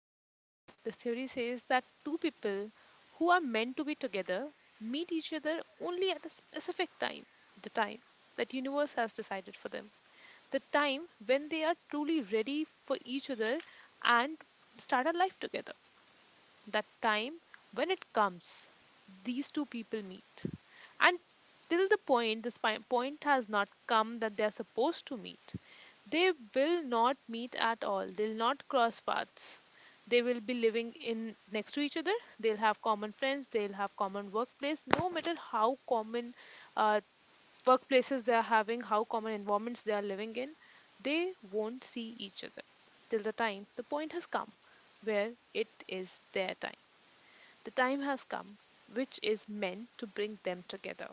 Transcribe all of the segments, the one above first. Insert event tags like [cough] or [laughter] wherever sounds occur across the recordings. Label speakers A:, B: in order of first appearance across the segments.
A: says? This theory says that two people who are meant to be together meet each other only at a specific time, the time that universe has decided for them, the time when they are truly ready for each other and start a life together. That time, when it comes, these two people meet. And till the point, point has not come that they are supposed to meet. They will not meet at all. They'll not cross paths. They will be living in next to each other. They'll have common friends. They'll have common workplace. No matter how common uh, workplaces they are having, how common environments they are living in, they won't see each other till the time the point has come where it is their time. The time has come, which is meant to bring them together.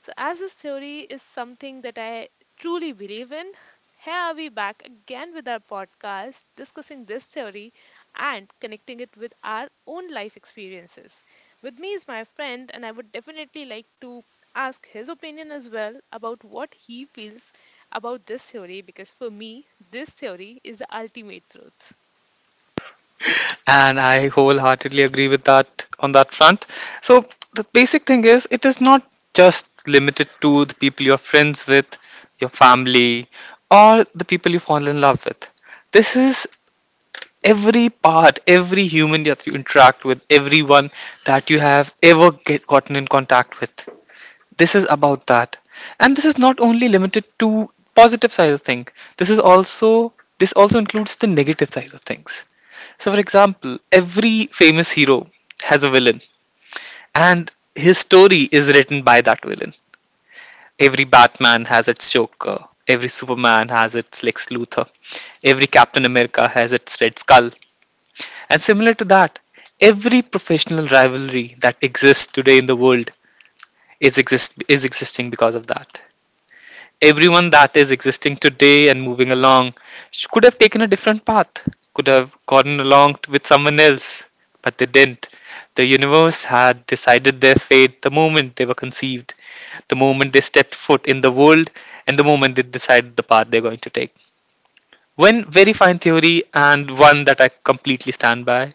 A: So, as this theory is something that I truly believe in, here are we back again with our podcast discussing this theory and connecting it with our own life experiences. With me is my friend, and I would definitely like to ask his opinion as well about what he feels about this theory because for me, this theory is the ultimate truth.
B: And I wholeheartedly agree with that, on that front. So the basic thing is, it is not just limited to the people you're friends with, your family, or the people you fall in love with. This is every part, every human that you interact with, everyone that you have ever gotten in contact with. This is about that. And this is not only limited to positive side of things. this is also this also includes the negative side of things. So for example, every famous hero has a villain, and his story is written by that villain. Every Batman has its Joker, every Superman has its Lex Luthor, every Captain America has its Red Skull. And similar to that, every professional rivalry that exists today in the world is existing because of that. Everyone that is existing today and moving along, could have taken a different path, could have gotten along with someone else, but they didn't. The universe had decided their fate the moment they were conceived, the moment they stepped foot in the world, and the moment they decided the path they're going to take. One very fine theory, and one that I completely stand by.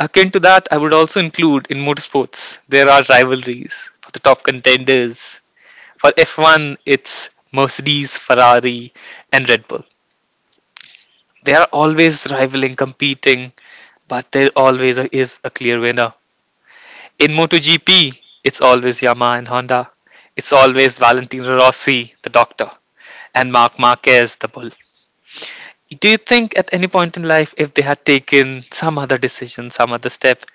B: Akin to that, I would also include in motorsports, there are rivalries for the top contenders. For F1, it's Mercedes, Ferrari, and Red Bull. They are always rivaling, competing, but there always is a clear winner. In MotoGP, it's always Yamaha and Honda. It's always Valentino Rossi, the doctor, and Marc Marquez, the bull. Do you think at any point in life, if they had taken some other decision, some other step,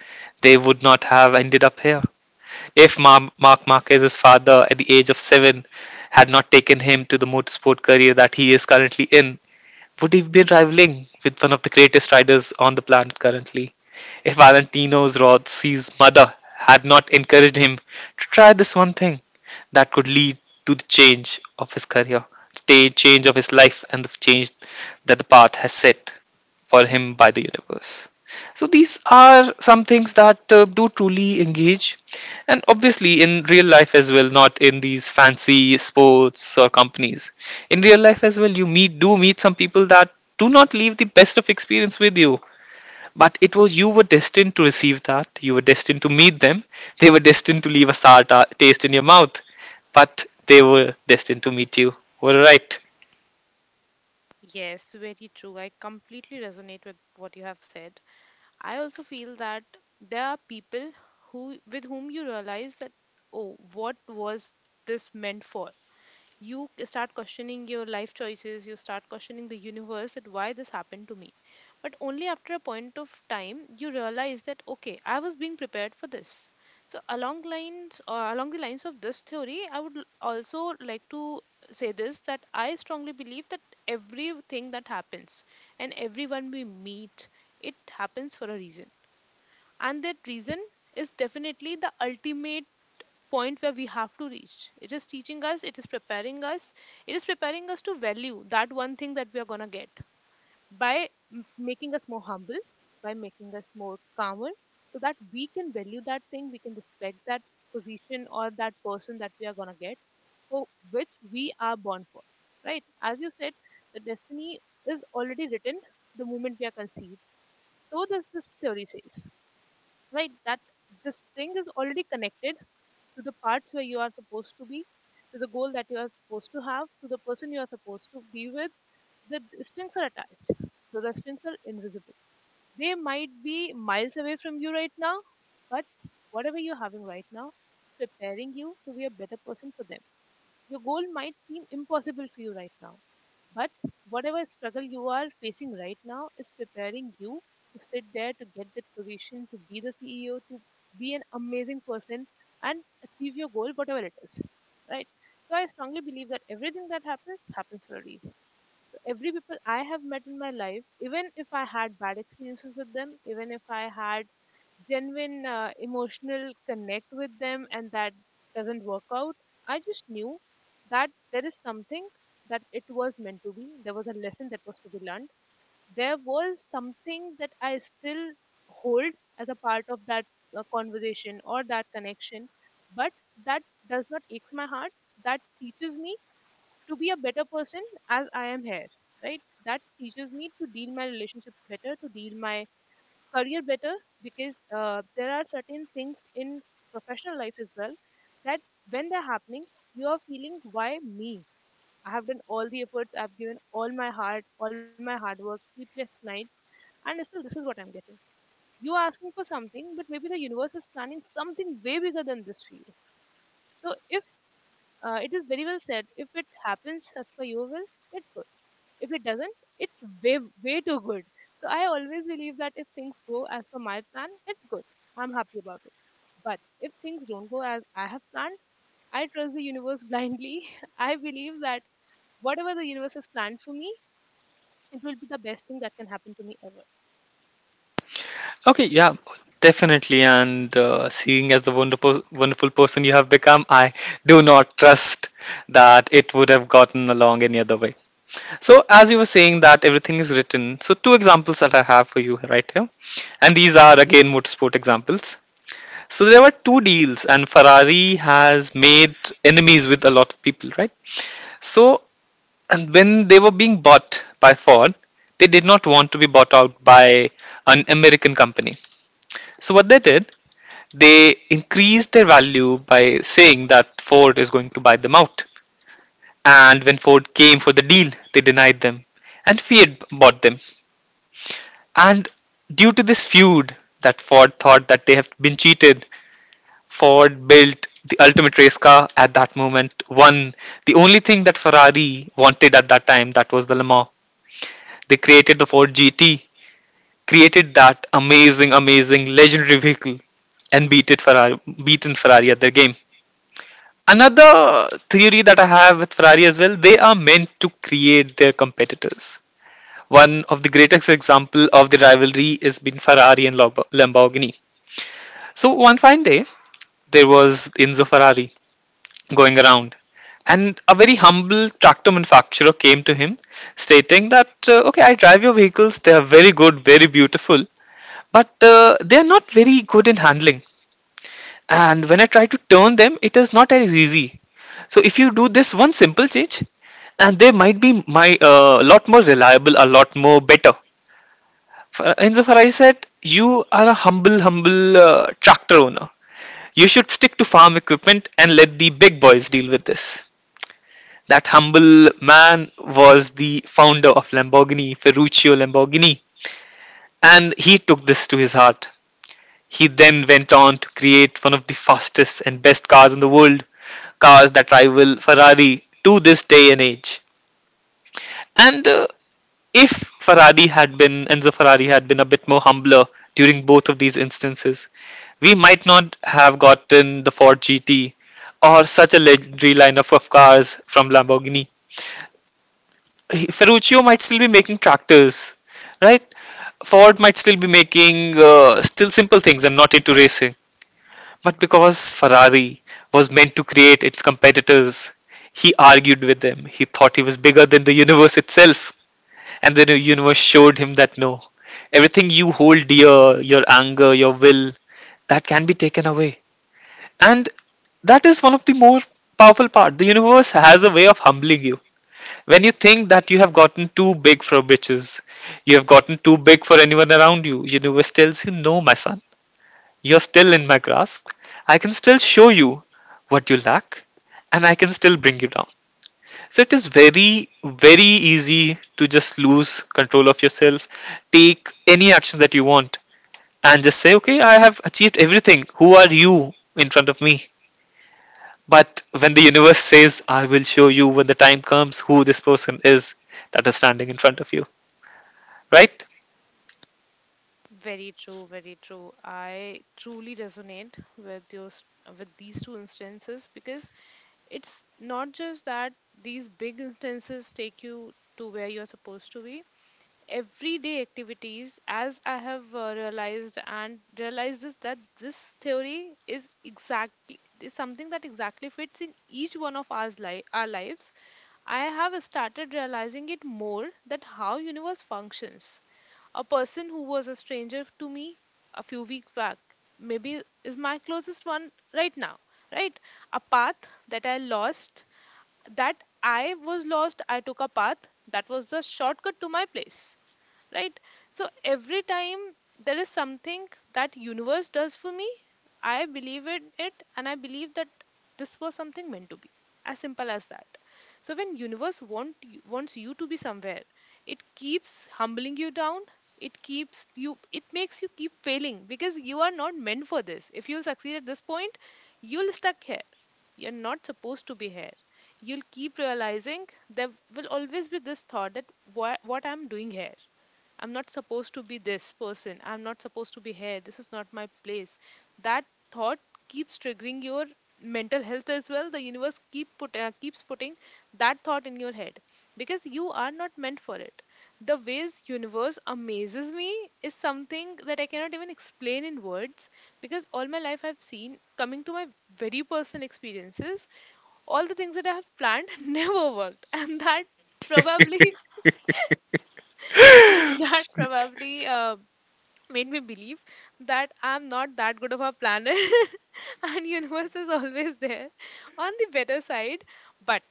B: they would not have ended up here? If Ma Mark Marquez's father, at the age of 7, had not taken him to the motorsport career that he is currently in, would he be rivaling with one of the greatest riders on the planet currently? If Valentino Rossi's mother had not encouraged him to try this one thing that could lead to the change of his career, the change of his life, and the change that the path has set for him by the universe. So these are some things that do truly engage, and obviously in real life as well, not in these fancy sports or companies. In real life as well, you meet do meet some people that do not leave the best of experience with you. But it was, you were destined to receive that. You were destined to meet them. They were destined to leave a sour taste in your mouth, but they were destined to meet you. We right.
A: Yes, very true. I completely resonate with what you have said. I also feel that there are people who with whom you realize that, oh, what was this meant for? You start questioning your life choices, you start questioning the universe that why this happened to me, but only after a point of time you realize that, okay, I was being prepared for this. So along the lines of this theory, I would also like to say this, that I strongly believe that everything that happens and everyone we meet, it happens for a reason, and that reason is definitely the ultimate point where we have to reach. It is teaching us, it is preparing us, it is preparing us to value that one thing that we are going to get by making us more humble, by making us more calmer, so that we can value that thing, we can respect that position or that person that we are going to get for which we are born for. Right? As you said, the destiny is already written the moment we are conceived. So does this theory says, right? That this thing is already connected to the parts where you are supposed to be, to the goal that you are supposed to have, to the person you are supposed to be with. The strings are attached, though the strings are invisible. They might be miles away from you right now, but whatever you're having right now is preparing you to be a better person for them. Your goal might seem impossible for you right now, but whatever struggle you are facing right now is preparing you to sit there, to get that position, to be the CEO, to be an amazing person and achieve your goal, whatever it is. Right? So I strongly believe that everything that happens happens for a reason. So every people I have met in my life, even if I had bad experiences with them, even if I had genuine emotional connect with them and that doesn't work out, I just knew that there is something, that it was meant to be. There was a lesson that was to be learned. There was something that I still hold as a part of that conversation or that connection, but that does not ache my heart. That teaches me to be a better person as I am here, right? That teaches me to deal my relationships better, to deal my career better, because there are certain things in professional life as well that when they're happening, you are feeling, why me? I have done all the efforts, I've given all my heart, all my hard work, sleepless nights, and still this is what I'm getting. You are asking for something, but maybe the universe is planning something way bigger than this for you. So if it is very well said, if it happens as per your will, it's good. If it doesn't, it's way, way too good. So I always believe that if things go as per my plan, it's good. I'm happy about it. But if things don't go as I have planned, I trust the universe blindly. [laughs] I believe that whatever the universe has planned for me, it will be the best thing that can happen to me ever.
B: Okay, yeah, definitely. And seeing as the wonderful, wonderful person you have become, I do not trust that it would have gotten along any other way. So, as you were saying that everything is written, so two examples that I have for you right here, and these are again motorsport examples. So there were two deals, and Ferrari has made enemies with a lot of people, right? So, and when they were being bought by Ford, they did not want to be bought out by an American company. So what they did, they increased their value by saying that Ford is going to buy them out. And when Ford came for the deal, they denied them. And Fiat bought them. And due to this feud, that Ford thought that they have been cheated, Ford built the ultimate race car at that moment, won the only thing that Ferrari wanted at that time, that was the Le Mans. They created the Ford GT, created that amazing, amazing, legendary vehicle and beat it Ferrari, beaten Ferrari at their game. Another theory that I have with Ferrari as well, they are meant to create their competitors. One of the greatest example of the rivalry is been Ferrari and Lamborghini. So one fine day, there was Enzo Ferrari going around, and a very humble tractor manufacturer came to him, stating that, "Okay, I drive your vehicles. They are very good, very beautiful, but they are not very good in handling. And when I try to turn them, it is not as easy. So if you do this one simple change, and they might be my lot more reliable, a lot more better. Indra Farai said, "You are a humble, humble tractor owner. You should stick to farm equipment and let the big boys deal with this." That humble man was the founder of Lamborghini, Ferruccio Lamborghini, and he took this to his heart. He then went on to create one of the fastest and best cars in the world, cars that rival Ferrari to this day and age. And if Ferrari had been Enzo Ferrari had been a bit more humbler during both of these instances, we might not have gotten the Ford GT or such a legendary lineup of cars from Lamborghini. Ferruccio might still be making tractors, right? Ford might still be making still simple things and not into racing. But because Ferrari was meant to create its competitors, he argued with them. He thought he was bigger than the universe itself. And then the universe showed him that no, everything you hold dear, your anger, your will, that can be taken away. And that is one of the more powerful part. The universe has a way of humbling you. When you think that you have gotten too big for bitches, you have gotten too big for anyone around you, universe tells you, no, my son, you're still in my grasp. I can still show you what you lack, and I can still bring you down. So it is very, very easy to just lose control of yourself, take any action that you want, and just say, okay, I have achieved everything. Who are you in front of me? But when the universe says, I will show you when the time comes who this person is that is standing in front of you, right?
A: Very true, very true. I truly resonate with with these two instances, because it's not just that these big instances take you to where you're supposed to be, everyday activities, as I have realized and realized this, that this theory is something that exactly fits in each one of our lives. I have started realizing it more, that how universe functions. A person who was a stranger to me a few weeks back maybe is my closest one right now, right? A path that that I was lost, I took a path that was the shortcut to my place. Right? So every time there is something that universe does for me, I believe in it and I believe that this was something meant to be. As simple as that. So when wants you to be somewhere, it keeps humbling you down. It makes you keep failing because you are not meant for this. If you'll succeed at this point, you'll stuck here. You're not supposed to be here, you'll keep realizing there will always be this thought that, what I'm doing here. I'm not supposed to be this person. I'm not supposed to be here. This is not my place. That thought keeps triggering your mental health as well. The universe keeps putting that thought in your head because you are not meant for it. The ways universe amazes me is something that I cannot even explain in words, because all my life I've seen, coming to my very personal experiences, all the things that I have planned [laughs] never worked, and that probably [laughs] that probably made me believe that I'm not that good of a planner, [laughs] and universe is always there on the better side. But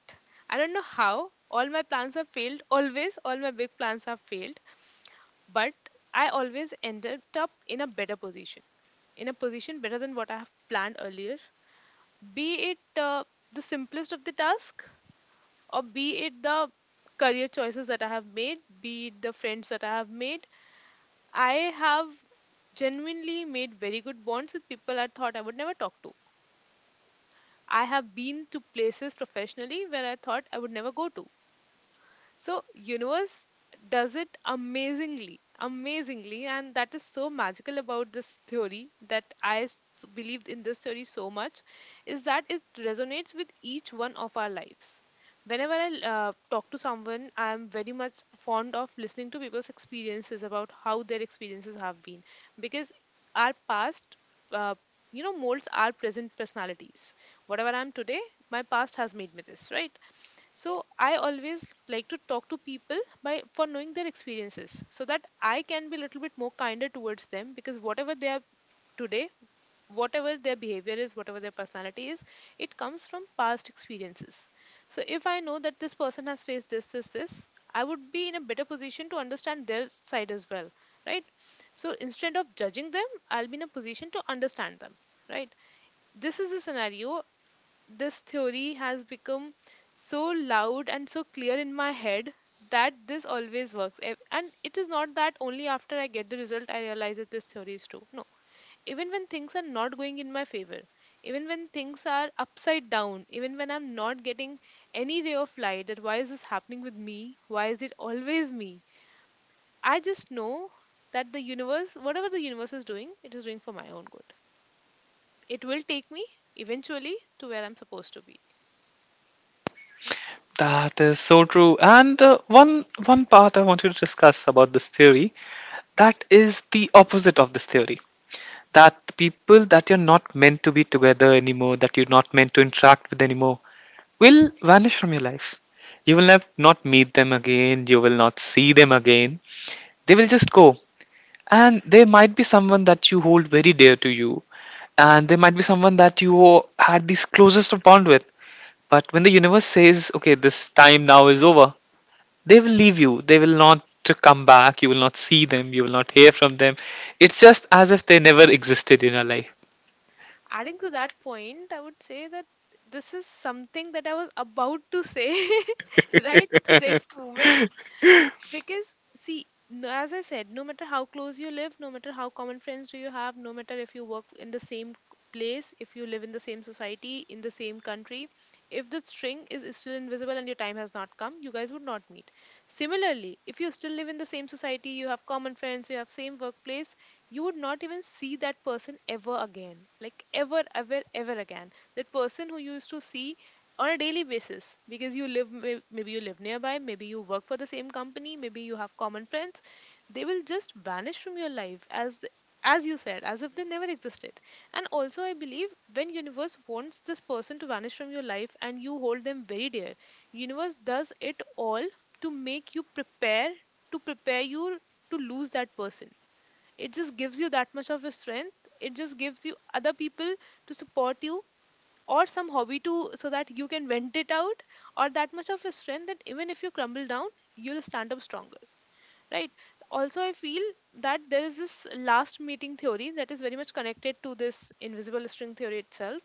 A: I don't know how all my plans have failed. Always, all my big plans have failed, but I always ended up in a better position, in a position better than what I have planned earlier. Be it the simplest of the task, or be it the career choices that I have made, be it the friends that I have made, I have genuinely made very good bonds with people I thought I would never talk to. I have been to places professionally where I thought I would never go to. So universe does it amazingly, amazingly, and that is so magical about this theory, that I believed in this theory so much, is that it resonates with each one of our lives. Whenever I talk to someone, I am very much fond of listening to people's experiences about how their experiences have been, because our past, uh, molds our present personalities. Whatever I am today, my past has made me this, right? So I always like to talk to people by for knowing their experiences, so that I can be a little bit more kinder towards them, because whatever they are today, whatever their behavior is, whatever their personality is, it comes from past experiences. So if I know that this person has faced this, this, this, I would be in a better position to understand their side as well, right? So instead of judging them, I'll be in a position to understand them, right? This is a scenario. This theory has become so loud and so clear in my head that this always works. And it is not that only after I get the result I realize that this theory is true, no. Even when things are not going in my favor, even when things are upside down, even when I'm not getting any ray of light, that why is this happening with me, why is it always me, I just know that the universe, whatever the universe is doing, it is doing for my own good. It will take me eventually to where I'm supposed to be.
B: That is so true. And one part I want you to discuss about this theory, that is the opposite of this theory, that the people that you're not meant to be together anymore, that you're not meant to interact with anymore, will vanish from your life. You will not meet them again, you will not see them again. They will just go. And there might be someone that you hold very dear to you, and there might be someone that you had this closest of bond with, but when the universe says, okay, this time now is over, they will leave you, they will not to come back, you will not see them, you will not hear from them. It's just as if they never existed in your life.
A: Adding to that point, I would say that this is something that I was about to say [laughs] right to the next moment. Because, see, as I said, no matter how close you live, no matter how common friends do you have, no matter if you work in the same place, if you live in the same society, in the same country, if the string is still invisible and your time has not come, you guys would not meet. Similarly, if you still live in the same society, you have common friends, you have same workplace, you would not even see that person ever again. Like ever, ever, ever again. That person who you used to see on a daily basis, because you live maybe you live nearby, maybe you work for the same company, maybe you have common friends, they will just vanish from your life, as you said, as if they never existed. And also I believe, when universe wants this person to vanish from your life and you hold them very dear, universe does it all to make you prepare, to prepare you to lose that person. It just gives you that much of a strength, it just gives you other people to support you, or some hobby to so that you can vent it out, or that much of a strength that even if you crumble down, you'll stand up stronger, right? Also I feel that there is this last meeting theory that is very much connected to this invisible string theory itself,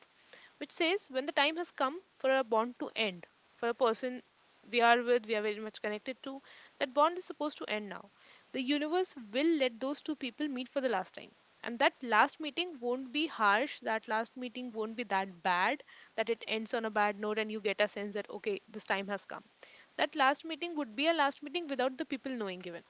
A: which says, when the time has come for a bond to end, for a person we are with, we are very much connected to, that bond is supposed to end now. The universe will let those two people meet for the last time. And that last meeting won't be harsh, that last meeting won't be that bad, that it ends on a bad note and you get a sense that, okay, this time has come. That last meeting would be a last meeting without the people knowing even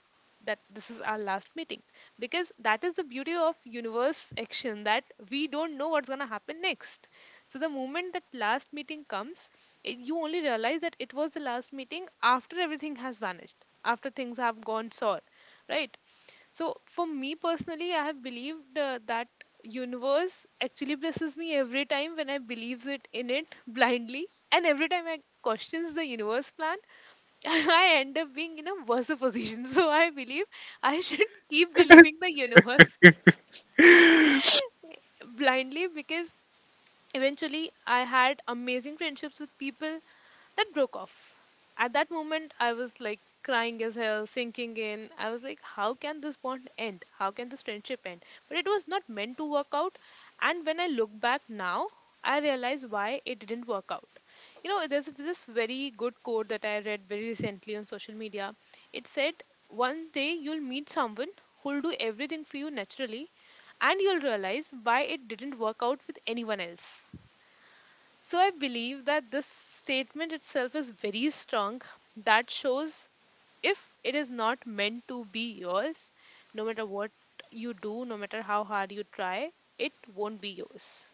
A: that this is our last meeting, because that is the beauty of universe action, that we don't know what's going to happen next. So the moment that last meeting comes, you only realize that it was the last meeting after everything has vanished, after things have gone sour, right? So for me personally, I have believed that universe actually blesses me every time when I believes it in it [laughs] blindly, and every time I questions the universe plan, [laughs] I end up being in a worse [laughs] position. So I believe I [laughs] should keep believing the universe [laughs] blindly, because eventually, I had amazing friendships with people that broke off. At that moment, I was like crying as hell, sinking in. I was like, how can this bond end? How can this friendship end? But it was not meant to work out. And when I look back now, I realize why it didn't work out. You know, there's this very good quote that I read very recently on social media. It said, "One day you'll meet someone who'll do everything for you naturally, and you'll realize why it didn't work out with anyone else." So I believe that this statement itself is very strong. That shows, if it is not meant to be yours, no matter what you do, no matter how hard you try, it won't be yours.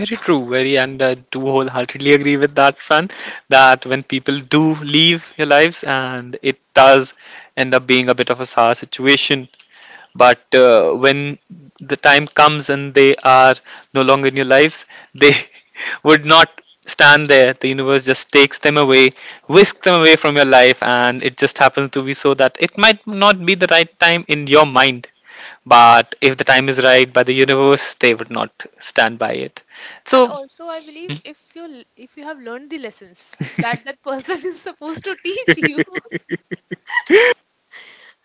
B: Very true, very. And I do wholeheartedly agree with that, fran, that when people do leave your lives, and it does end up being a bit of a sour situation. But when the time comes and they are no longer in your lives, they [laughs] would not stand there. The universe just takes them away, whisk them away from your life, and it just happens to be so that it might not be the right time in your mind, but if the time is right by the universe, they would not stand by it.
A: And
B: So
A: also, I believe if you have learned the lessons that that person [laughs] is supposed to teach you, [laughs]
B: [laughs]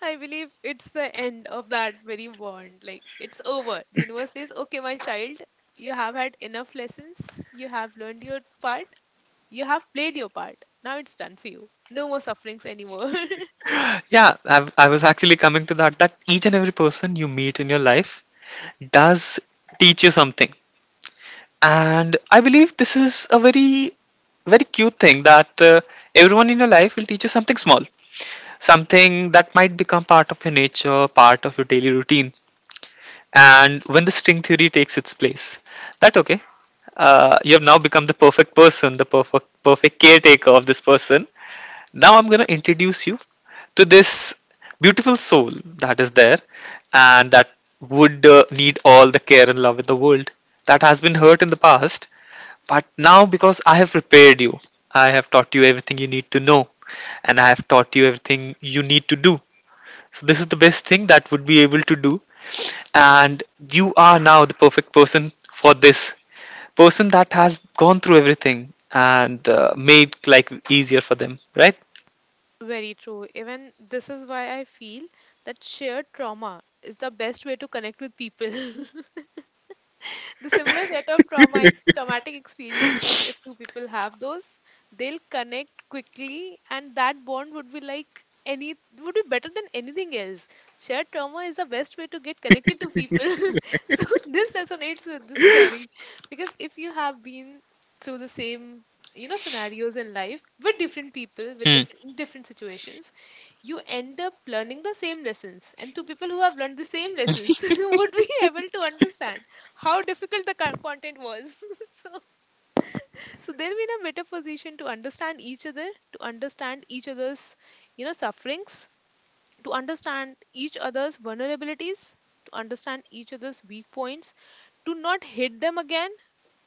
A: I believe it's the end of that very bond. Like it's over. The universe says, "Okay, my child, you have had enough lessons. You have learned your part. You have played your part. Now it's done for you. No more sufferings anymore." [laughs]
B: yeah, I was actually coming to that, that each and every person you meet in your life does teach you something. And I believe this is a very, very cute thing that everyone in your life will teach you something small, something that might become part of your nature, part of your daily routine. And when the string theory takes its place, that okay, you have now become the perfect person, the perfect caretaker of this person, now I'm going to introduce you to this beautiful soul that is there, and that would need all the care and love in the world, that has been hurt in the past. But now, because I have prepared you, I have taught you everything you need to know, and I have taught you everything you need to do. So, this is the best thing that would be able to do. And you are now the perfect person for this person that has gone through everything, and made like easier for them, right?
A: Very true. Even this is why I feel that shared trauma is the best way to connect with people. [laughs] The similar set of trauma traumatic experiences, if two people have those, they'll connect quickly, and that bond would be better than anything else. Shared trauma is the best way to get connected to people. [laughs] So this resonates with this theory, because if you have been through the same, you know, scenarios in life with different people, with
B: Hmm.
A: different situations, you end up learning the same lessons, and two people who have learned the same lessons [laughs] would be able to understand how difficult the content was. [laughs] so, so they'll be in a better position to understand each other, to understand each other's, you know, sufferings, to understand each other's vulnerabilities, to understand each other's weak points, to not hit them again.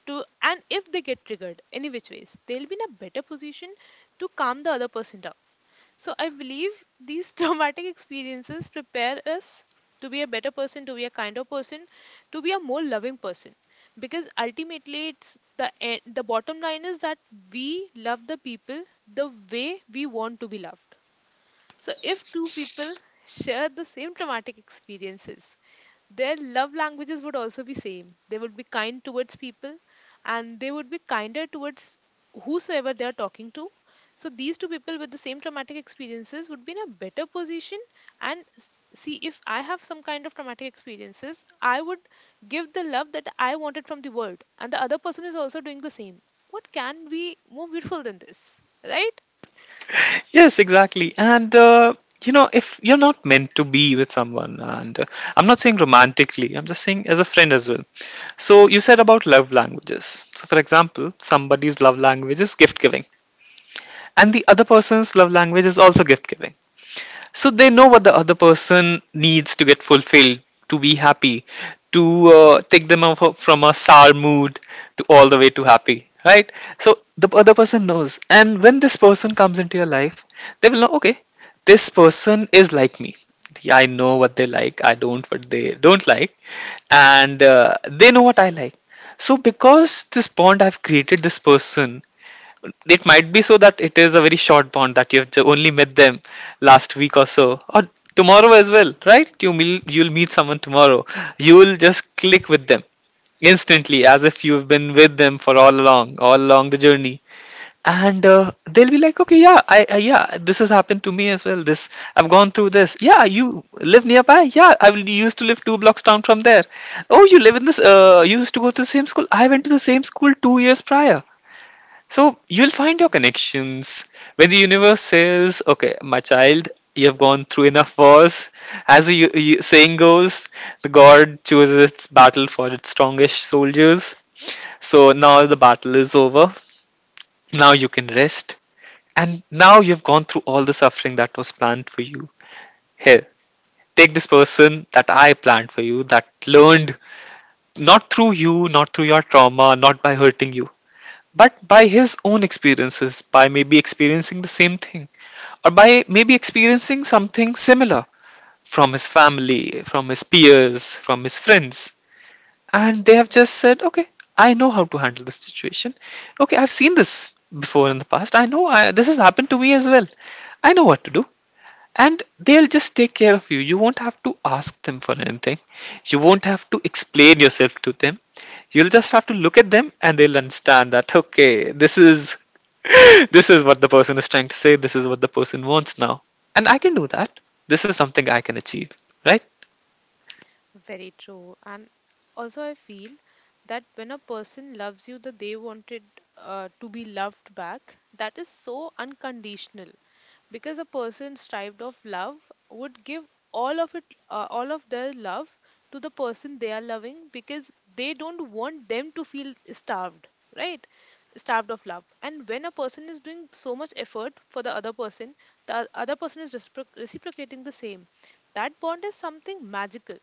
A: And if they get triggered any which ways, they'll be in a better position to calm the other person down. So I believe these [laughs] traumatic experiences prepare us to be a better person, to be a kinder person, to be a more loving person. Because ultimately, the bottom line is that we love the people the way we want to be loved. So if two people share the same traumatic experiences, their love languages would also be same, they would be kind towards people, and they would be kinder towards whosoever they are talking to. So these two people with the same traumatic experiences would be in a better position. And see, if I have some kind of traumatic experiences, I would give the love that I wanted from the world, and the other person is also doing the same. What can be more beautiful than this, right?
B: Yes, exactly. And you know, if you're not meant to be with someone, and I'm not saying romantically, I'm just saying as a friend as well. So you said about love languages. So for example, somebody's love language is gift giving, and the other person's love language is also gift giving. So they know what the other person needs to get fulfilled, to be happy, to take them off from a sour mood, to all the way to happy, right? So the other person knows, and when this person comes into your life, they will know, okay, this person is like me. Yeah, I know what they like, I don't what they don't like, and they know what I like. So because this bond I've created this person, it might be so that it is a very short bond that only met them last week or so, or tomorrow as well. Right? You'll meet someone tomorrow, you will just click with them instantly, as if you've been with them for all along the journey. And they'll be like, okay, yeah, this has happened to me as well, this, I've gone through this. Yeah, you live nearby? Yeah, I will used to live two blocks down from there. Oh, you live in this, you used to go to the same school? I went to the same school 2 years prior. So you'll find your connections when the universe says, "Okay, my child, you have gone through enough wars." As the saying goes, the god chooses its battle for its strongest soldiers. So now the battle is over. Now you can rest, and now you've gone through all the suffering that was planned for you. Here, take this person that I planned for you, that learned not through you, not through your trauma, not by hurting you, but by his own experiences, by maybe experiencing the same thing, or by maybe experiencing something similar from his family, from his peers, from his friends. And they have just said, okay, I know how to handle this situation. Okay, I've seen this before in the past. This has happened to me as well. I know what to do, and they'll just take care of you. You won't have to ask them for anything, you won't have to explain yourself to them. You'll just have to look at them and they'll understand that, okay, this is [laughs] this is what the person is trying to say, this is what the person wants now, and I can do that. This is something I can achieve, right?
A: Very true. And also, I feel that when a person loves you, that they wanted to be loved back, that is so unconditional. Because a person strived of love would give all of it, all of their love to the person they are loving, because they don't want them to feel starved, right? Starved of love. And when a person is doing so much effort for the other person is reciprocating the same. That bond is something magical,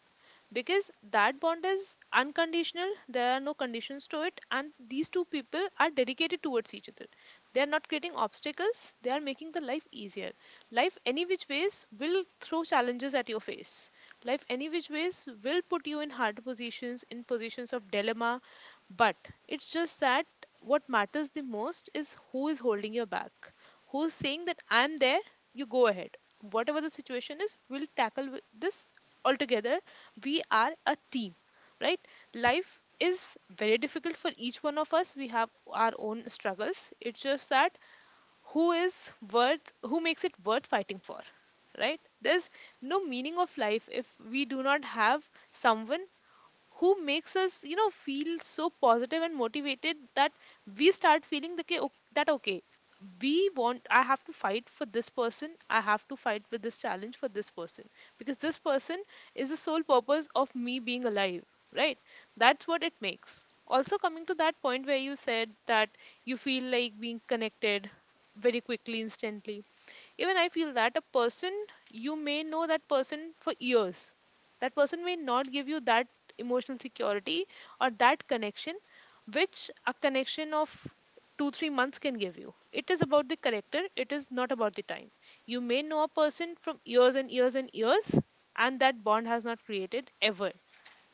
A: because that bond is unconditional, there are no conditions to it, and these two people are dedicated towards each other. They are not creating obstacles, they are making the life easier. Life any which ways will throw challenges at your face. Life any which ways will put you in hard positions, in positions of dilemma. But it's just that what matters the most is who is holding your back, who's saying that I'm there, you go ahead, whatever the situation is, we'll tackle this altogether. We are a team, right? Life is very difficult for each one of us, we have our own struggles. It's just that who is worth, who makes it worth fighting for, right? There's no meaning of life if we do not have someone who makes us, feel so positive and motivated, that we start feeling the, okay, that okay, we want I have to fight for this person, I have to fight with this challenge for this person, because this person is the sole purpose of me being alive, right? That's what it makes. Also, coming to that point where you said that you feel like being connected very quickly, instantly, even I feel that a person, you may know that person for years. That person may not give you that emotional security or that connection, which a connection of two, 3 months can give you. It is about the character, it is not about the time. You may know a person from years and years and years, and that bond has not created ever.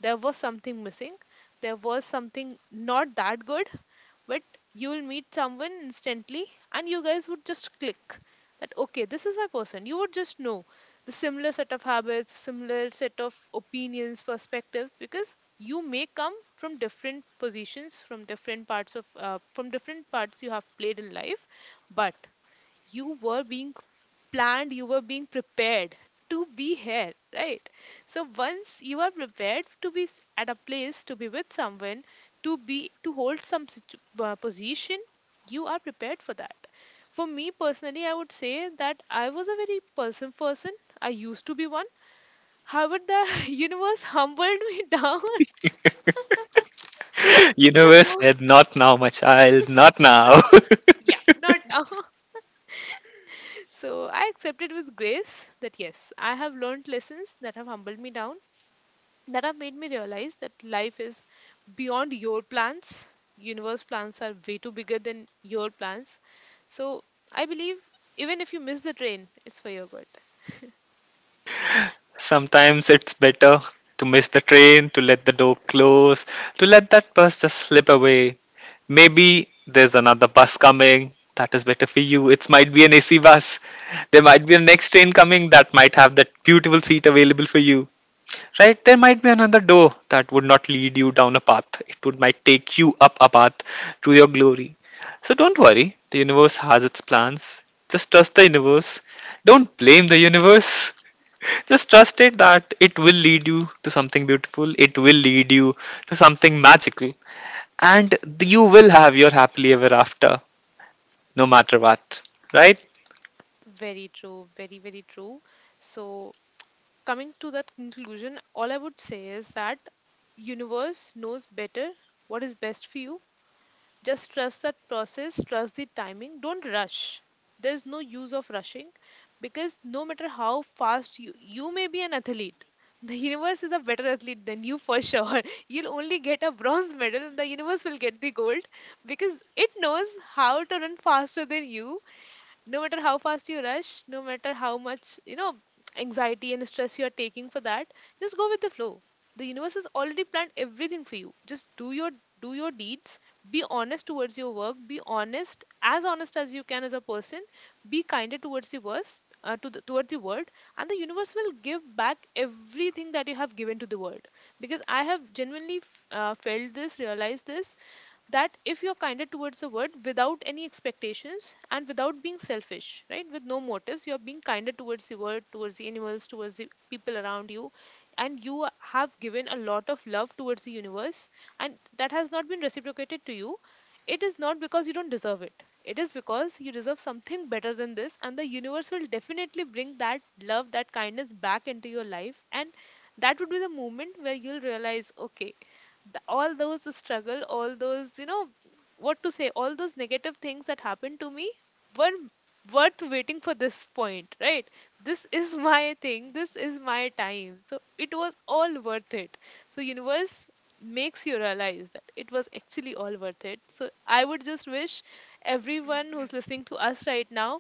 A: There was something missing, there was something not that good. But you will meet someone instantly, and you guys would just click, that okay, this is my person, you would just know. The similar set of habits, similar set of opinions, perspectives, because you may come from different positions, from different parts you have played in life. But you were being planned, you were being prepared to be here, right? So once you are prepared to be at a place, to be with someone, to hold some position, you are prepared for that. For me personally, I would say that I was a very person person. I used to be one. However, the [laughs] universe humbled me [laughs] down
B: [laughs]
A: in the
B: Universe
A: moment.
B: said, not now my child, not now. [laughs]
A: Yeah, not now. [laughs] So I accepted with grace that yes, I have learned lessons that have humbled me down, that have made me realize that life is beyond your plans. Universe plans are way too bigger than your plans. So I believe, even if you miss the train, it's for your good.
B: Sometimes it's better to miss the train, to let the door close, to let that bus just slip away. Maybe there's another bus coming that is better for you. It might be an AC bus. There might be a next train coming that might have that beautiful seat available for you. Right? There might be another door that would not lead you down a path. It would might take you up a path to your glory. So don't worry. The universe has its plans. Just trust the universe. Don't blame the universe. Just trust it that it will lead you to something beautiful, it will lead you to something magical, and you will have your happily ever after, no matter what. Right?
A: Very true, very very true. So coming to that conclusion, all I would say is that universe knows better what is best for you. Just trust that process, trust the timing, don't rush. There's no use of rushing, because no matter how fast you may be an athlete, the universe is a better athlete than you for sure. [laughs] You'll only get a bronze medal, the universe will get the gold, because it knows how to run faster than you, no matter how fast you rush, no matter how much, anxiety and stress you are taking for that, just go with the flow. The universe has already planned everything for you, just do your deeds, be honest towards your work, be honest as you can, as a person, be kinder towards the worst to the, towards the world. And the universe will give back everything that you have given to the world, because I have genuinely felt this, realized this, that if you're kinder towards a word, without any expectations and without being selfish, right, with no motives, you're being kinder towards the word, towards the animals, towards the people around you, and you have given a lot of love towards the universe, and that has not been reciprocated to you. It is not because you don't deserve it, it is because you deserve something better than this, and the universe will definitely bring that love, that kindness back into your life, and that would be the moment where you'll realize, okay, all those struggle, all those, you know, what to say, all those negative things that happened to me, were worth waiting for this point, right? This is [laughs] my thing, this is my time, so it was all worth it. So universe makes you realize that it was actually all worth it. So I would just wish everyone who's listening to us right now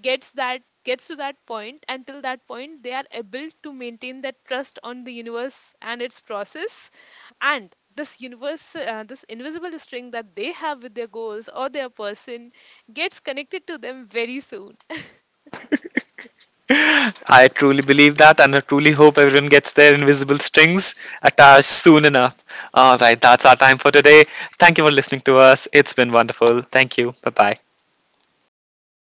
A: gets to that point, until that point they are able to maintain that trust on the universe and its process, and this universe, this invisible string that they have with their goals or their person gets connected to them very soon.
B: [laughs] I truly believe that, and I truly hope everyone gets their invisible strings attached soon enough. All right, that's our time for today. Thank you for listening to us. It's been wonderful. Thank you. Bye bye.